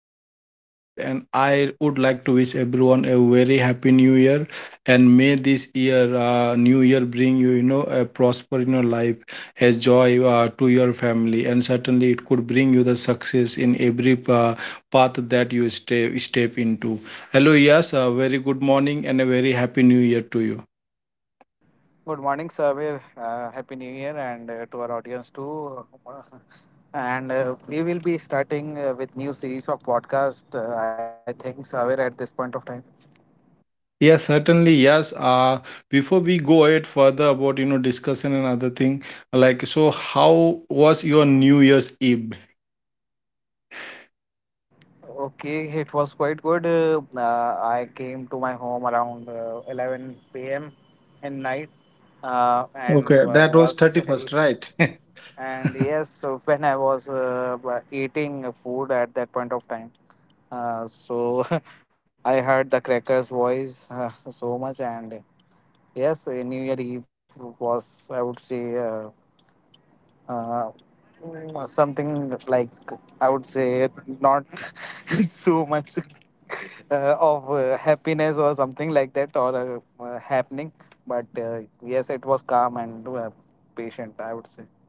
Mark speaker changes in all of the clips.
Speaker 1: is your host Saver, and I would like to wish everyone a very happy New Year, and may this year, New Year, bring you, a prosper in your life, a joy to your family, and certainly it could bring you the success in every path that you step into. Hello, yes, very good morning and a very happy New Year to you.
Speaker 2: Good morning, Sabir. Happy New Year, and to our audience too. And We will be starting with new series of podcast. I think Sabir at this point of time.
Speaker 1: Yes, certainly. Yes. Before we go ahead further about, you know, discussion and other thing, like, so how was your New Year's Eve?
Speaker 2: Okay, it was quite good. I came to my home around 11 p.m. in night, and
Speaker 1: Okay, that was
Speaker 2: was
Speaker 1: 31st, right?
Speaker 2: and yes, when I was eating food at that point of time. So I heard the cracker's voice so much, and yes, New Year Eve was, I would say, uh, mm, something like I would say not so much of happiness or something like that or happening, but yes, it was calm and patient, I would say.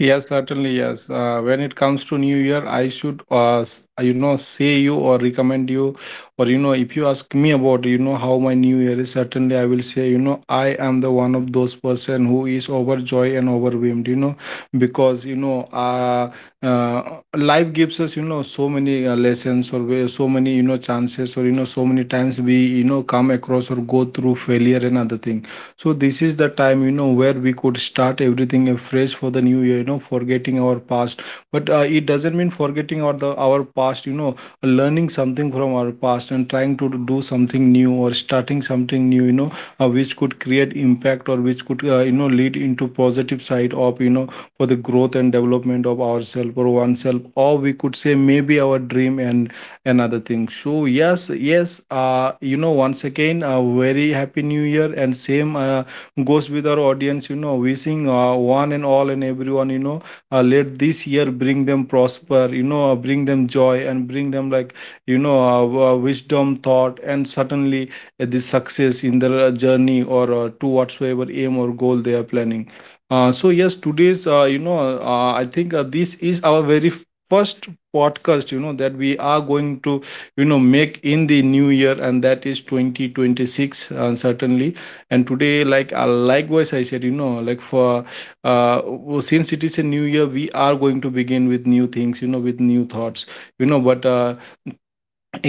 Speaker 1: Yes, certainly, yes. When it comes to New Year, I should, you know, say you or recommend you, or, you know, if you ask me about, you know, how my New Year is, certainly I will say, you know, I am the one of those person who is overjoyed and overwhelmed, you know, because, uh, life gives us, you know, so many lessons or so many, you know, chances, or, you know, so many times we, you know, come across or go through failure and other thing. So this is the time, you know, where we could start everything afresh for the new year, you know, forgetting our past. But it doesn't mean forgetting our, the our past, you know, learning something from our past and trying to do something new or starting something new, you know, which could create impact, or which could, you know, lead into positive side of, you know, for the growth and development of ourselves or oneself, or we could say maybe our dream and another thing. So yes, yes, you know, once again a very happy new year, and same goes with our audience, you know, wishing one and all and everyone, let this year bring them prosper, you know, bring them joy, and bring them, like, wisdom thought, and certainly the success in their journey, or to whatsoever aim or goal they are planning. So yes, today's, I think, this is our very first podcast, you know, that we are going to, you know, make in the new year, and that is 2026, certainly. And today, like, likewise I said, you know, like for well, since it is a new year, we are going to begin with new things, you know, with new thoughts, you know. but uh,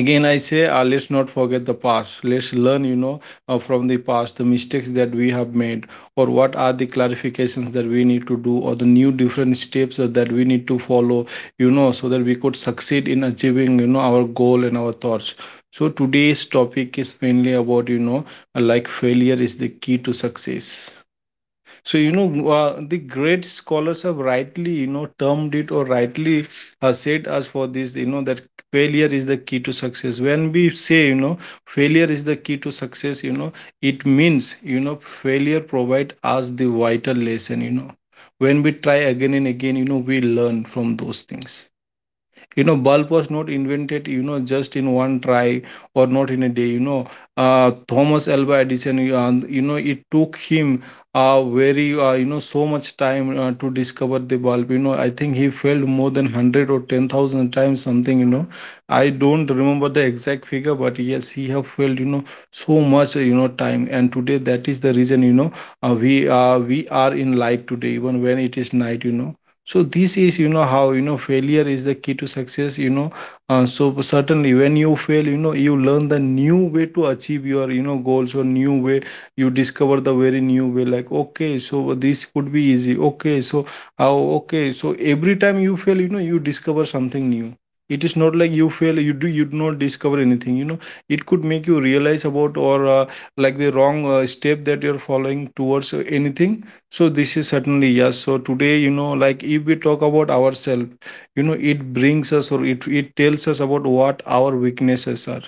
Speaker 1: again i say, let's not forget the past. Let's learn, you know, from the past, the mistakes that we have made, or what are the clarifications that we need to do, or the new different steps that we need to follow, you know, so that we could succeed in achieving, you know, our goal and our thoughts. So today's topic is mainly about, you know, like, failure is the key to success. So, you know, the great scholars have rightly, you know, termed it, or rightly said us for this, you know, that failure is the key to success. When we say, you know, failure is the key to success, you know, it means, you know, failure provide us the vital lesson, you know. When we try again and again, you know, we learn from those things. You know, bulb was not invented, you know, just in one try, or not in a day, you know. Thomas alva edison you you know, it took him very you know, so much time to discover the bulb, you know. I think he failed more than 100 or 10,000 times, something, you know. I don't remember the exact figure, but yes, he have failed, you know, so much you know time, and today that is the reason, you know, we are in light today even when it is night, you know. So this is, you know, how, you know, failure is the key to success, you know. So certainly when you fail, you know, you learn the new way to achieve your, you know, goals, or new way, you discover the very new way, like, okay, so this could be easy, okay so how, okay, so every time you fail, you know, you discover something new. It is not like you fail, you do not discover anything, you know. It could make you realize about, or like the wrong step that you're following towards anything. So this is certainly, yes. So today, you know, like if we talk about ourselves, you know, it brings us, or it tells us about what our weaknesses are,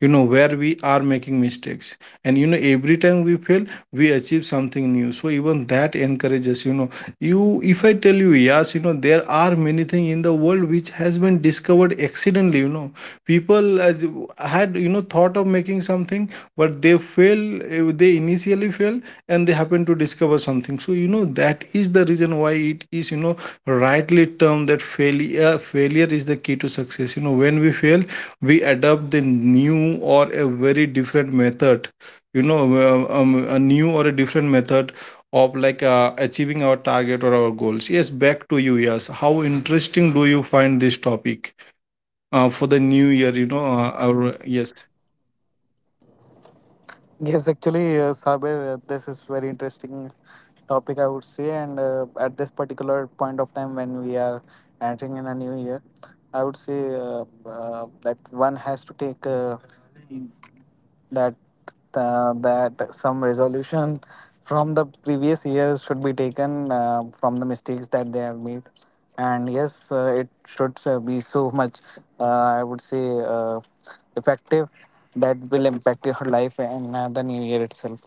Speaker 1: you know, where we are making mistakes. And, you know, every time we fail, we achieve something new, so even that encourages, you know, you. If I tell you, yes, you know, there are many things in the world which has been discovered accidentally, you know, people as, had, you know, thought of making something, but they fail, they initially fail, and they happen to discover something. So, you know, that is the reason why it is, you know, rightly termed that failure is the key to success, you know. When we fail, we adopt the new or a very different method, a new or a different method of, like, achieving our target or our goals. Yes, back to you. Yes, how interesting do you find this topic for the new year, you know our yes.
Speaker 2: Yes, actually, Saber, this is very interesting topic, I would say. And At this particular point of time, when we are entering in a new year, I would say that one has to take that that some resolution from the previous years should be taken from the mistakes that they have made, and yes, it should be so much uh, I would say effective, that will impact your life in the new year itself.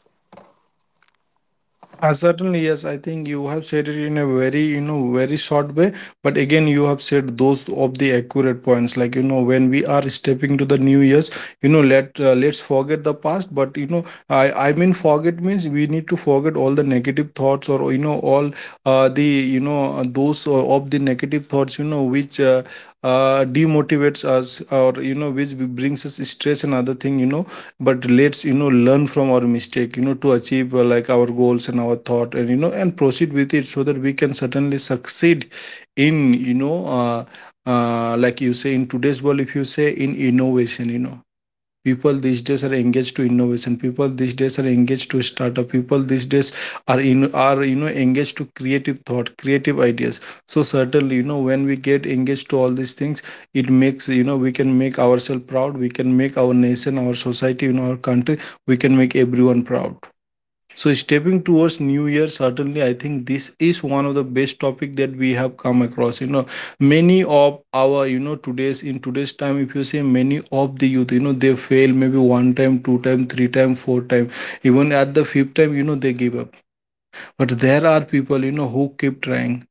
Speaker 1: Certainly, yes. I think you have said it in a very, you know, very short way. But again, you have said those of the accurate points. Like, you know, when we are stepping to the new years, you know, let's forget the past. But, you know, I mean, forget means we need to forget all the negative thoughts, or, you know, all the you know those of the negative thoughts, you know, which demotivates us, or, you know, which brings us stress and other thing, you know. But let's, you know, learn from our mistake, you know, to achieve, like, our goals and our thought, and, you know, and proceed with it, so that we can certainly succeed in, like, you say, in today's world, if you say, in innovation, you know, people these days are engaged to innovation, people these days are engaged to startup, people these days are in, are, you know, engaged to creative thought, creative ideas. So certainly, you know, when we get engaged to all these things, it makes, you know, we can make ourselves proud, we can make our nation, our society, you know, our country, we can make everyone proud. So stepping towards New Year, certainly I think this is one of the best topic that we have come across. You know, many of our, you know, today's, in today's time, if you say, many of the youth, you know, they fail maybe one time, two time, three time, four time, even at the fifth time, you know, they give up. But there are people, you know, who keep trying.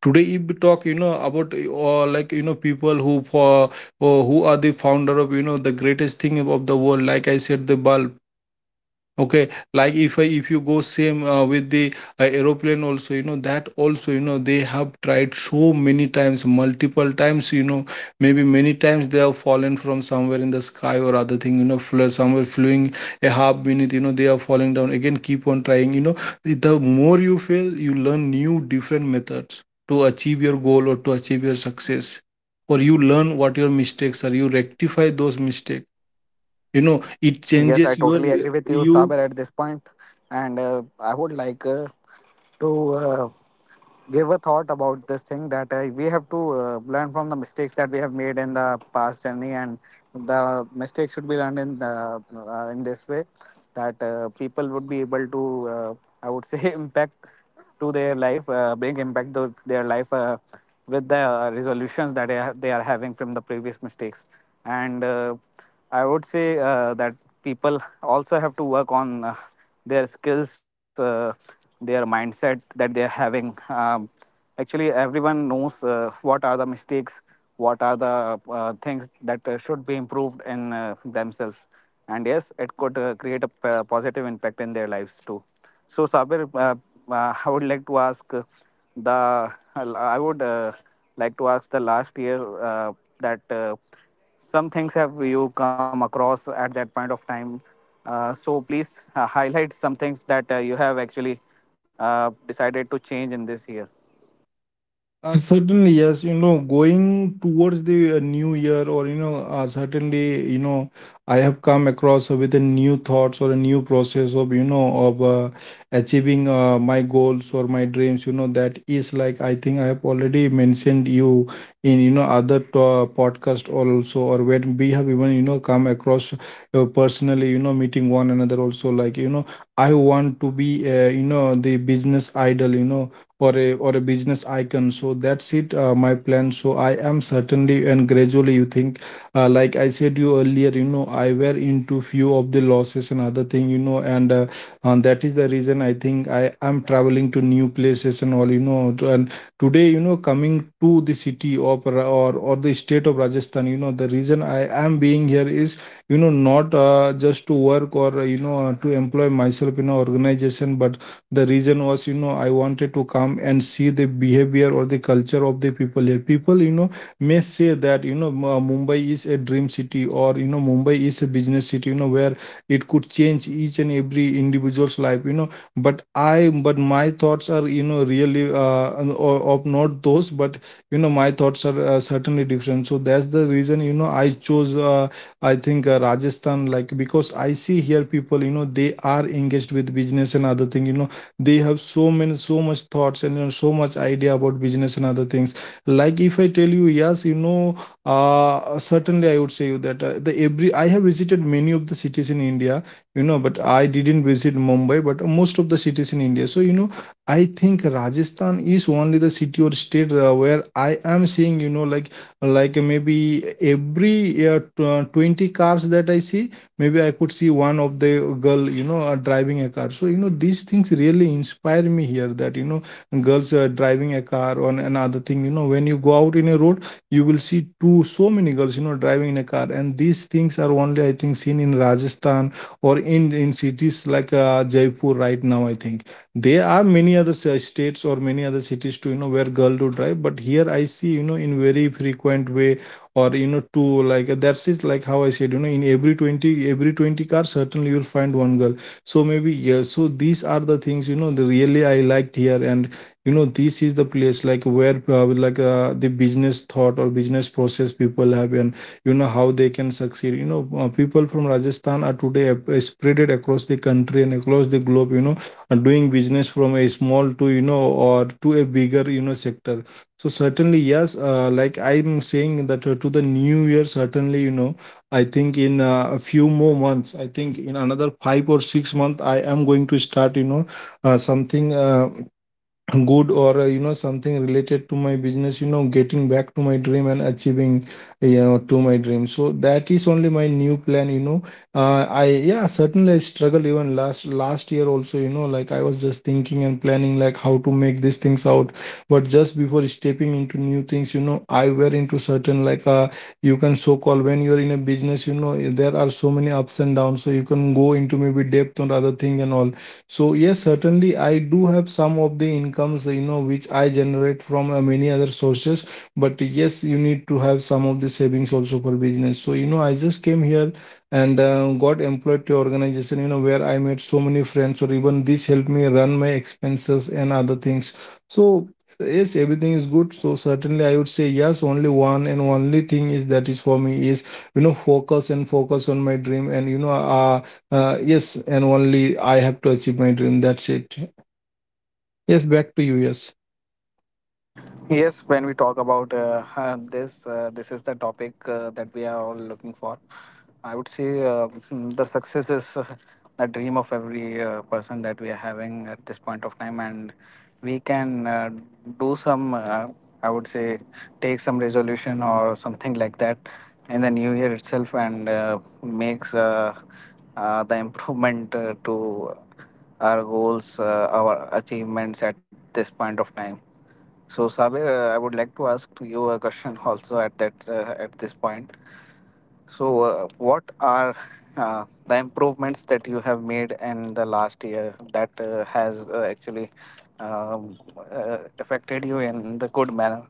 Speaker 1: Today, if we talk, you know, about, or, like, you know, people who for, or who are the founder of, you know, the greatest thing of the world, like I said, the bulb. Okay, like if I, if you go same with the aeroplane also, you know, that also, you know, they have tried so many times, multiple times, you know, maybe many times they have fallen from somewhere in the sky or other thing, you know, somewhere flying a half minute, you know, they are falling down again. Keep on trying, you know. The more you fail, you learn new different methods to achieve your goal, or to achieve your success, or you learn what your mistakes are. You rectify those mistakes. You know, it
Speaker 2: Yes, I
Speaker 1: changes
Speaker 2: totally
Speaker 1: your
Speaker 2: agree with you,
Speaker 1: you.
Speaker 2: Saber, at this point. And I would like to give a thought about this thing that we have to learn from the mistakes that we have made in the past journey, and the mistakes should be learned in this way that people would be able to, I would say, impact to their life, bring impact to their life with the resolutions that they are having from the previous mistakes. And I would say that people also have to work on their skills, their mindset that they are having. Actually, everyone knows what are the mistakes, what are the things that should be improved in themselves, and yes, it could create a positive impact in their lives too. So Sabir, I would like to ask the i would uh, the last year uh, that some things have you come across at that point of time. So please highlight some things that you have actually decided to change in this year.
Speaker 1: Certainly, yes. You know, going towards the new year, or, you know, certainly, you know, I have come across with a new thoughts, or a new process of, you know, of achieving my goals or my dreams. You know, that is, like, I think I have already mentioned you in, podcast also, or when we have even, you know, come across personally, you know, meeting one another also. Like, you know, I want to be, you know, the business idol. You know, or a business icon, so that's it, my plan. So I am certainly and gradually you think, like I said you earlier, you know, I were into few of the losses and other thing, you know, and that is the reason I think I am traveling to new places and all, you know, and today, you know, coming to the city of or the state of Rajasthan. You know, the reason I am being here is, you know, not just to work or, uh, to employ myself in an organization, but the reason was, you know, I wanted to come and see the behavior or the culture of the people here. People, you know, may say that, you know, Mumbai is a dream city, or, you know, Mumbai is a business city, you know, where it could change each and every individual's life, you know. But I, but my thoughts are, you know, really of not those, but you know, my thoughts are, certainly different. So that's the reason, you know, I chose, I think, Rajasthan, like because I see here people, you know, they are engaged with business and other thing, you know. They have so many, so much thoughts, and you know, so much idea about business and other things. Like if I tell you, yes, you know, certainly I would say you that, the every, I have visited many of the cities in India, you know, but I didn't visit Mumbai, but most of the cities in India. So, you know, I think Rajasthan is only the city or state, where I am seeing, you know, like maybe every 20 cars that I see, maybe I could see one of the girl, you know, driving a car. So you know, these things really inspire me here, that you know, girls driving a car on another thing, you know. When you go out in a road, you will see two, so many girls, you know, driving in a car, and these things are only, I think, seen in Rajasthan, or in cities like, Jaipur. Right now, I think there are many other states or many other cities too, you know, where girl do drive. But here I see, you know, in very frequent way, or, you know, two, like that's it. Like how I said, you know, in every 20, every 20 cars, certainly you'll find one girl. So maybe, yeah. So these are the things, you know, the really I liked here. And you know, this is the place like where, like, the business thought or business process people have, and you know how they can succeed, you know. People from Rajasthan are today spreaded across the country and across the globe, you know, doing business from a small to, you know, or to a bigger, you know, sector. So certainly, yes. Like I'm saying that, to the new year, certainly, you know, I think in, a few more months, I think in another 5 or 6 months, I am going to start, you know, something. Good, or, you know, something related to my business, you know, getting back to my dream and achieving, you know, to my dream. So that is only my new plan, you know. I, yeah, certainly I struggle even last year also, you know. Like I was just thinking and planning like how to make these things out. But just before stepping into new things, you know, I were into certain, like, uh, you can so call, when you're in a business, you know, there are so many ups and downs, so you can go into maybe depth on other thing and all. So yes, certainly I do have some of the incomes, you know, which I generate from, many other sources. But yes, you need to have some of the savings also for business. So you know, I just came here and, got employed to organization, you know, where I made so many friends, or even this helped me run my expenses and other things. So yes, everything is good. So certainly I would say yes. Only one and only thing is that is for me is, you know, focus and focus on my dream. And you know, yes, and only I have to achieve my dream. That's it. Yes, back to you. Yes.
Speaker 2: Yes, when we talk about this is the topic that we are all looking for. I would say the success is the dream of every person that we are having at this point of time, and we can do some, I would say, take some resolution or something like that in the new year itself, and makes the improvement to our goals, our achievements at this point of time. So, Sabir, I would like to ask to you a question also at that at this point. So, what are the improvements that you have made in the last year that has actually um, affected you in the good manner?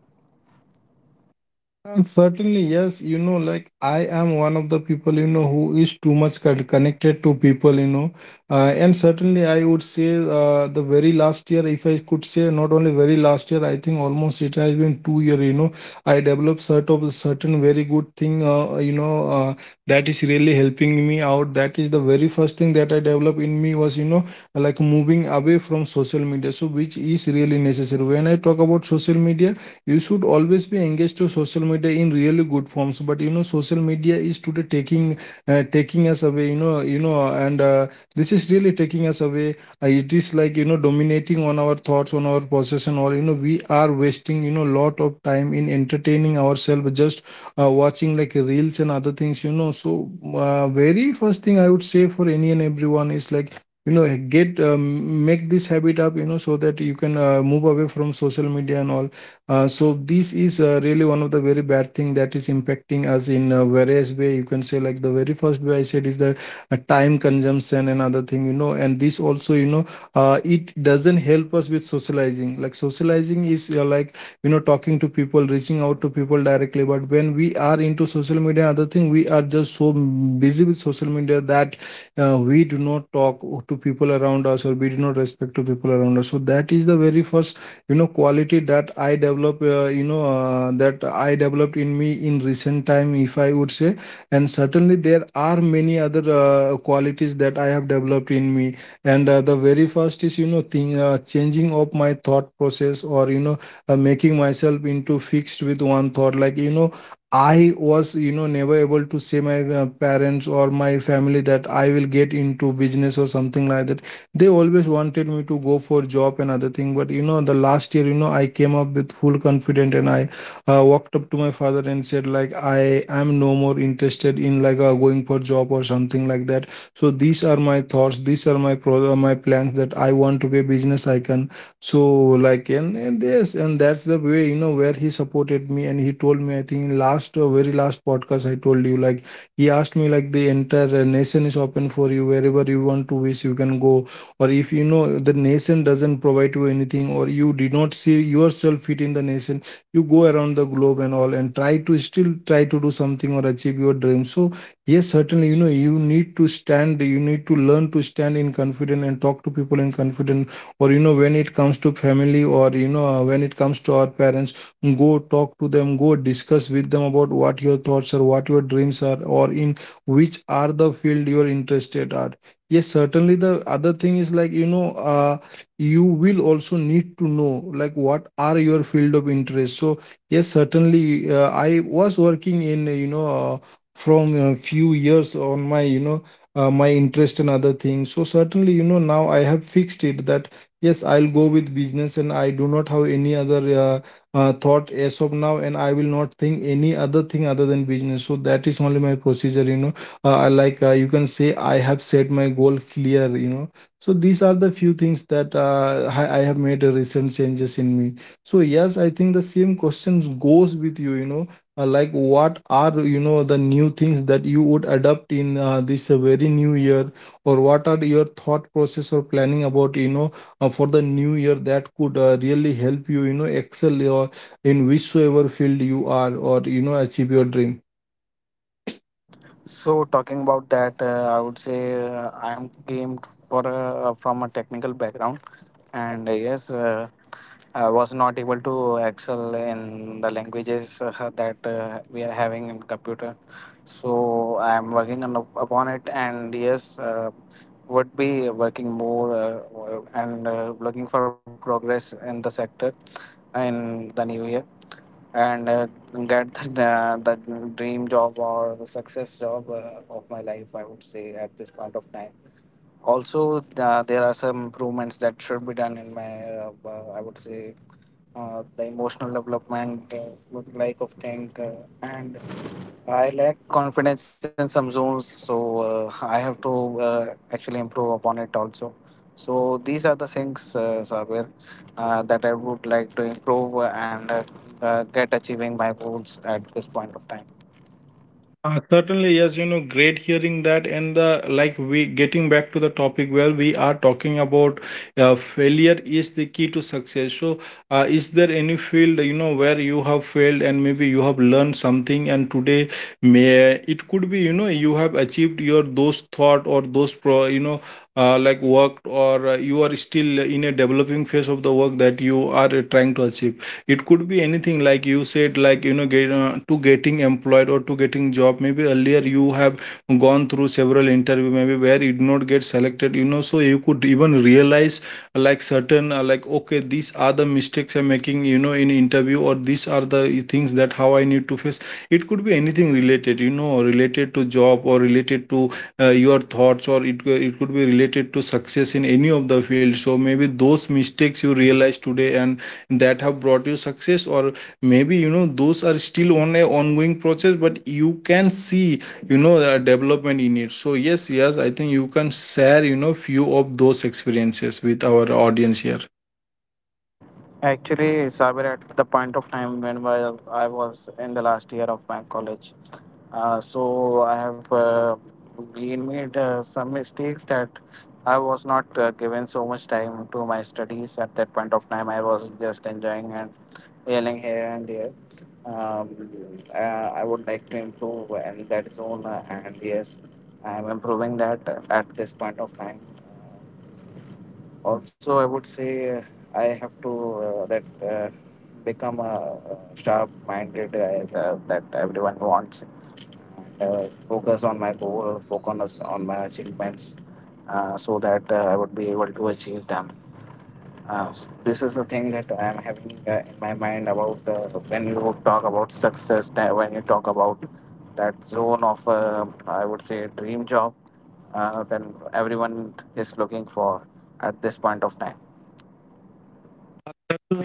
Speaker 1: Certainly, yes. You know, like I am one of the people, you know, who is too much connected to people, you know. And certainly, I would say, the very last year, if I could say, not only very last year, I think almost it has been 2 year, you know, I developed sort of a certain very good thing, you know, that is really helping me out. That is the very first thing that I developed in me was, you know, like moving away from social media. So, which is really necessary. When I talk about social media, you should always be engaged to social media in really good forms, but you know, social media is today taking, taking us away, you know, and, this is really taking us away. It is like, you know, dominating on our thoughts, on our possession, all, you know, we are wasting, you know, lot of time in entertaining ourselves, just watching like reels and other things, you know. So, very first thing I would say for any and everyone is like, you know, get make this habit up, you know, so that you can, move away from social media and all. So this is, really one of the very bad thing that is impacting us in, various way. You can say like the very first way I said is the, time consumption and other thing, you know. And this also, you know, it doesn't help us with socializing. Like socializing is, like, you know, talking to people, reaching out to people directly. But when we are into social media, other thing, we are just so busy with social media that, we do not talk to people around us, or we do not respect to people around us. So that is the very first, you know, quality that I develop, you know, that I developed in me in recent time, if I would say. And certainly there are many other, qualities that I have developed in me, and, the very first is, you know, thing, changing of my thought process, or you know, making myself into fixed with one thought. Like you know, I was, you know, never able to say my, parents or my family that I will get into business or something like that. They always wanted me to go for job and other thing, but you know, the last year, you know, I came up with full confidence, and I, walked up to my father and said, like, I am no more interested in like, going for job or something like that. So these are my thoughts, these are my my plans, that I want to be a business icon. So, like, and this, and that's the way, you know, where he supported me, and he told me, I think in last, very last podcast I told you, like, he asked me, like, the entire, nation is open for you, wherever you want to wish, you can go. Or if, you know, the nation doesn't provide you anything, or you did not see yourself fit in the nation, you go around the globe and all, and try to, still try to do something or achieve your dream. So yes, certainly, you know, you need to stand, you need to learn to stand in confident and talk to people in confident, or you know, when it comes to family, or you know, when it comes to our parents, go talk to them, go discuss with them about what your thoughts are, what your dreams are, or in which are the field you're interested at. Yes, certainly. The other thing is like, you know, you will also need to know, like, what are your field of interest. So, yes, certainly. I was working in, you know, uh, from a few years on my, you know, my interest and other things. So, certainly, you know, now I have fixed it that, yes, I'll go with business and I do not have any other, thought as of now, and I will not think any other thing other than business. So, that is only my procedure. You can say I have set my goal clear. So these are the few things that I have made recent changes in me. So yes, I think the same questions goes with you. You know Like what are the new things that you would adopt in this very new year, or what are your thought process or planning about, for the new year that could really help you, you know excel your, in whichsoever field you are, or you know, achieve your dream.
Speaker 2: So talking about that, I would say I am came for a, from a technical background, and yes, I was not able to excel in the languages that we are having in computer. So I am working on, upon it, and yes, would be working more and looking for progress in the sector in the new year, and get the dream job or the success job of my life, I would say at this point of time. Also, there are some improvements that should be done in my I would say the emotional development, would like of thing, and I lack confidence in some zones, so I have to actually improve upon it also. So these are the things, Sabir, that I would like to improve, and get achieving my goals at this point of time.
Speaker 1: Certainly, yes, you know, great hearing that. And the like, we getting back to the topic where we are talking about, failure is the key to success. So, is there any field, you know, where you have failed and maybe you have learned something, and today may it could be, you know, you have achieved your those thought or those pro, like work, or you are still in a developing phase of the work that you are trying to achieve. It could be anything, like you said, like you know, to getting employed or to getting job. Maybe earlier you have gone through several interview, maybe where you did not get selected, you know, so you could even realize like certain like okay, these are the mistakes I'm making, you know, in interview, or these are the things that how I need to face. It could be anything related, you know, related to job, or related to your thoughts, or it could be related to success in any of the field. So maybe those mistakes you realize today and that have brought you success, or maybe, you know, those are still on a ongoing process, but you can see, you know, the development in it. So yes, yes, I think you can share, you know, few of those experiences with our audience here.
Speaker 2: Actually, Sabir, at the point of time when while I was in the last year of my college, so I have been made some mistakes, that I was not given so much time to my studies at that point of time. I was just enjoying and yelling here and there. I would like to improve in that zone, and yes, I am improving that at this point of time. Also, I would say I have to that become a sharp-minded that everyone wants. Focus on my goal, focus on my achievements, so that I would be able to achieve them. This is the thing that I am having in my mind about when you talk about success, that when you talk about that zone of, I would say, dream job, then everyone is looking for at this point of time.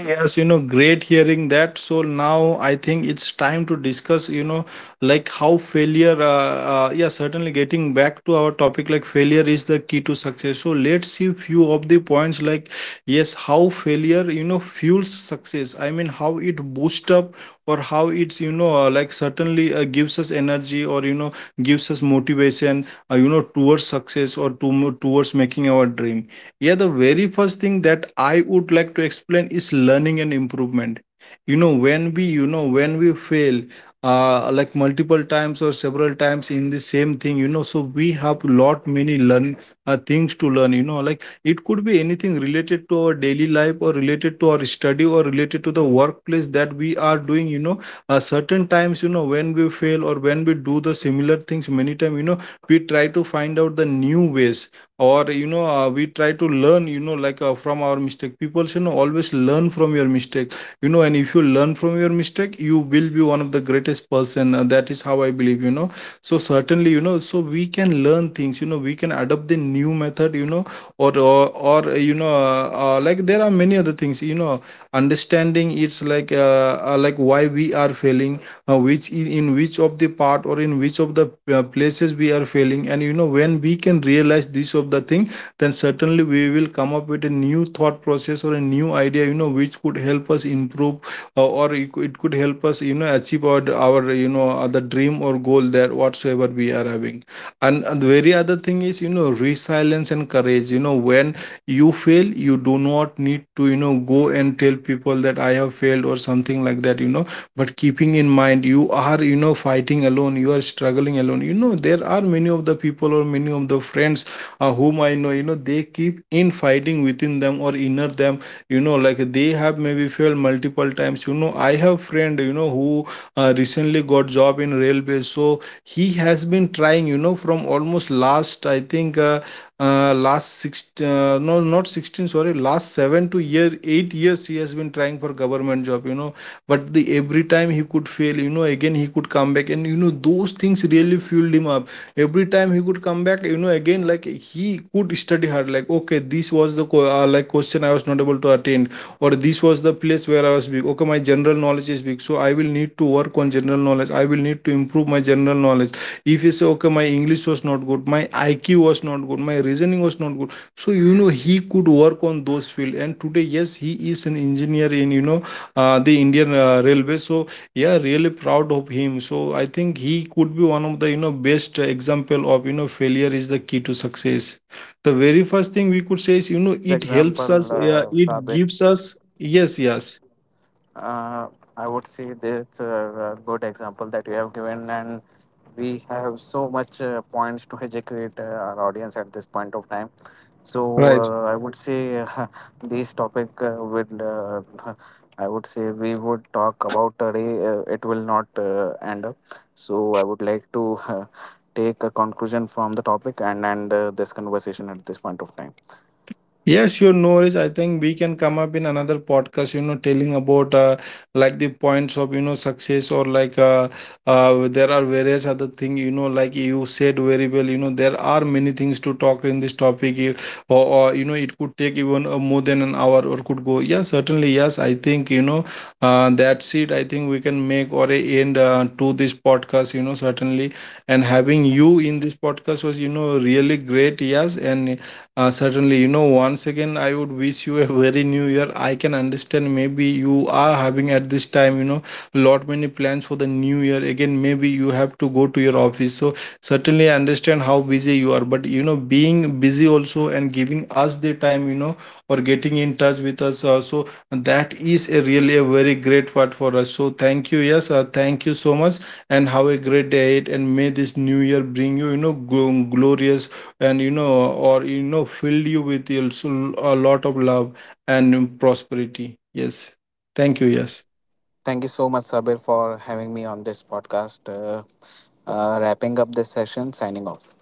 Speaker 1: Yes, you know, great hearing that. So now I think it's time to discuss, you know, like how failure, yeah, certainly getting back to our topic, like failure is the key to success. So let's see few of the points, like, yes, how failure, you know, fuels success. I mean, how it boosts up or how it's, you know, like certainly gives us energy, or, you know, gives us motivation, you know, towards success, or towards making our dream. Yeah, the very first thing that I would like to explain is learning and improvement. You know, when we, you know, when we fail, like multiple times or several times in the same thing, you know, so we have lot many learn, things to learn. You know, like it could be anything related to our daily life, or related to our study, or related to the workplace that we are doing. You know, certain times, you know, when we fail or when we do the similar things many times, you know, we try to find out the new ways, or you know, we try to learn, you know, like from our mistake. People, you know, always learn from your mistake, you know, and if you learn from your mistake, you will be one of the greatest person, that is how I believe, you know. So certainly, you know, so we can learn things, you know, we can adopt the new method, you know, or or, or like there are many other things, you know. Understanding, it's like why we are failing, which in which of the part, or in which of the places we are failing. And you know, when we can realize this of the thing, then certainly we will come up with a new thought process or a new idea, you know, which could help us improve, or it could help us, you know, achieve our you know other dream or goal that whatsoever we are having. And the very other thing is, you know, resilience and courage. You know, when you fail, you do not need to, you know, go and tell people that I have failed or something like that, you know, but keeping in mind you are, you know, fighting alone, you are struggling alone. You know, there are many of the people, or many of the friends whom I know, you know, they keep in fighting within them or inner them. You know, like they have maybe failed multiple times. You know, I have friend, you know, who recently got job in railway. So he has been trying, you know, from almost last, I think last six no, not 16, sorry, last 7 to year 8 years he has been trying for government job, you know. But the every time he could fail, you know, again he could come back, and you know, those things really fueled him up. Every time he could come back, you know, again, like he could would study hard, like okay, this was the like question I was not able to attend, or this was the place where I was weak. Okay, my general knowledge is weak, so I will need to work on general knowledge, I will need to improve my general knowledge. If you say okay, my English was not good, my IQ was not good, my reasoning was not good, so you know, he could work on those field, and today yes, he is an engineer in, you know, the Indian railway. So yeah, really proud of him. So I think he could be one of the, you know, best example of, you know, failure is the key to success. The very first thing we
Speaker 2: That's
Speaker 1: could
Speaker 2: a
Speaker 1: say is, you know,
Speaker 2: fabulous
Speaker 1: it helps
Speaker 2: example,
Speaker 1: us. Yeah, it
Speaker 2: Sabit.
Speaker 1: gives us, yes, yes,
Speaker 2: Uh, I would say that's a good example that you have given, and we have so much points to educate our audience at this point of time. So
Speaker 1: right.
Speaker 2: I would say this topic would, I would say we would talk about a day. It will not end up. So I would like to take a conclusion from the topic and end this conversation at this point of time.
Speaker 1: Yes, your knowledge. I think we can come up in another podcast, you know, telling about like the points of, you know, success, or like there are various other things, you know, like you said very well, you know, there are many things to talk in this topic. Or you know, it could take even more than an hour or could go. Yeah, certainly. Yes, I think, you know, that's it. I think we can make or a end to this podcast, you know, certainly. And having you in this podcast was, you know, really great. Yes. And certainly, you know, once again, I would wish you a very new year. I can understand maybe you are having at this time, you know, lot many plans for the new year. Again, maybe you have to go to your office. So certainly, I understand how busy you are. But, you know, being busy also and giving us the time, you know, or getting in touch with us. So, that is a really a very great part for us. So, thank you. Yes, thank you so much. And have a great day ahead. And may this new year bring you, you know, glorious, and you know, or you know, filled you with also a lot of love and prosperity. Yes, thank you, yes.
Speaker 2: Thank you so much, Sabir, for having me on this podcast. Wrapping up this session, signing off.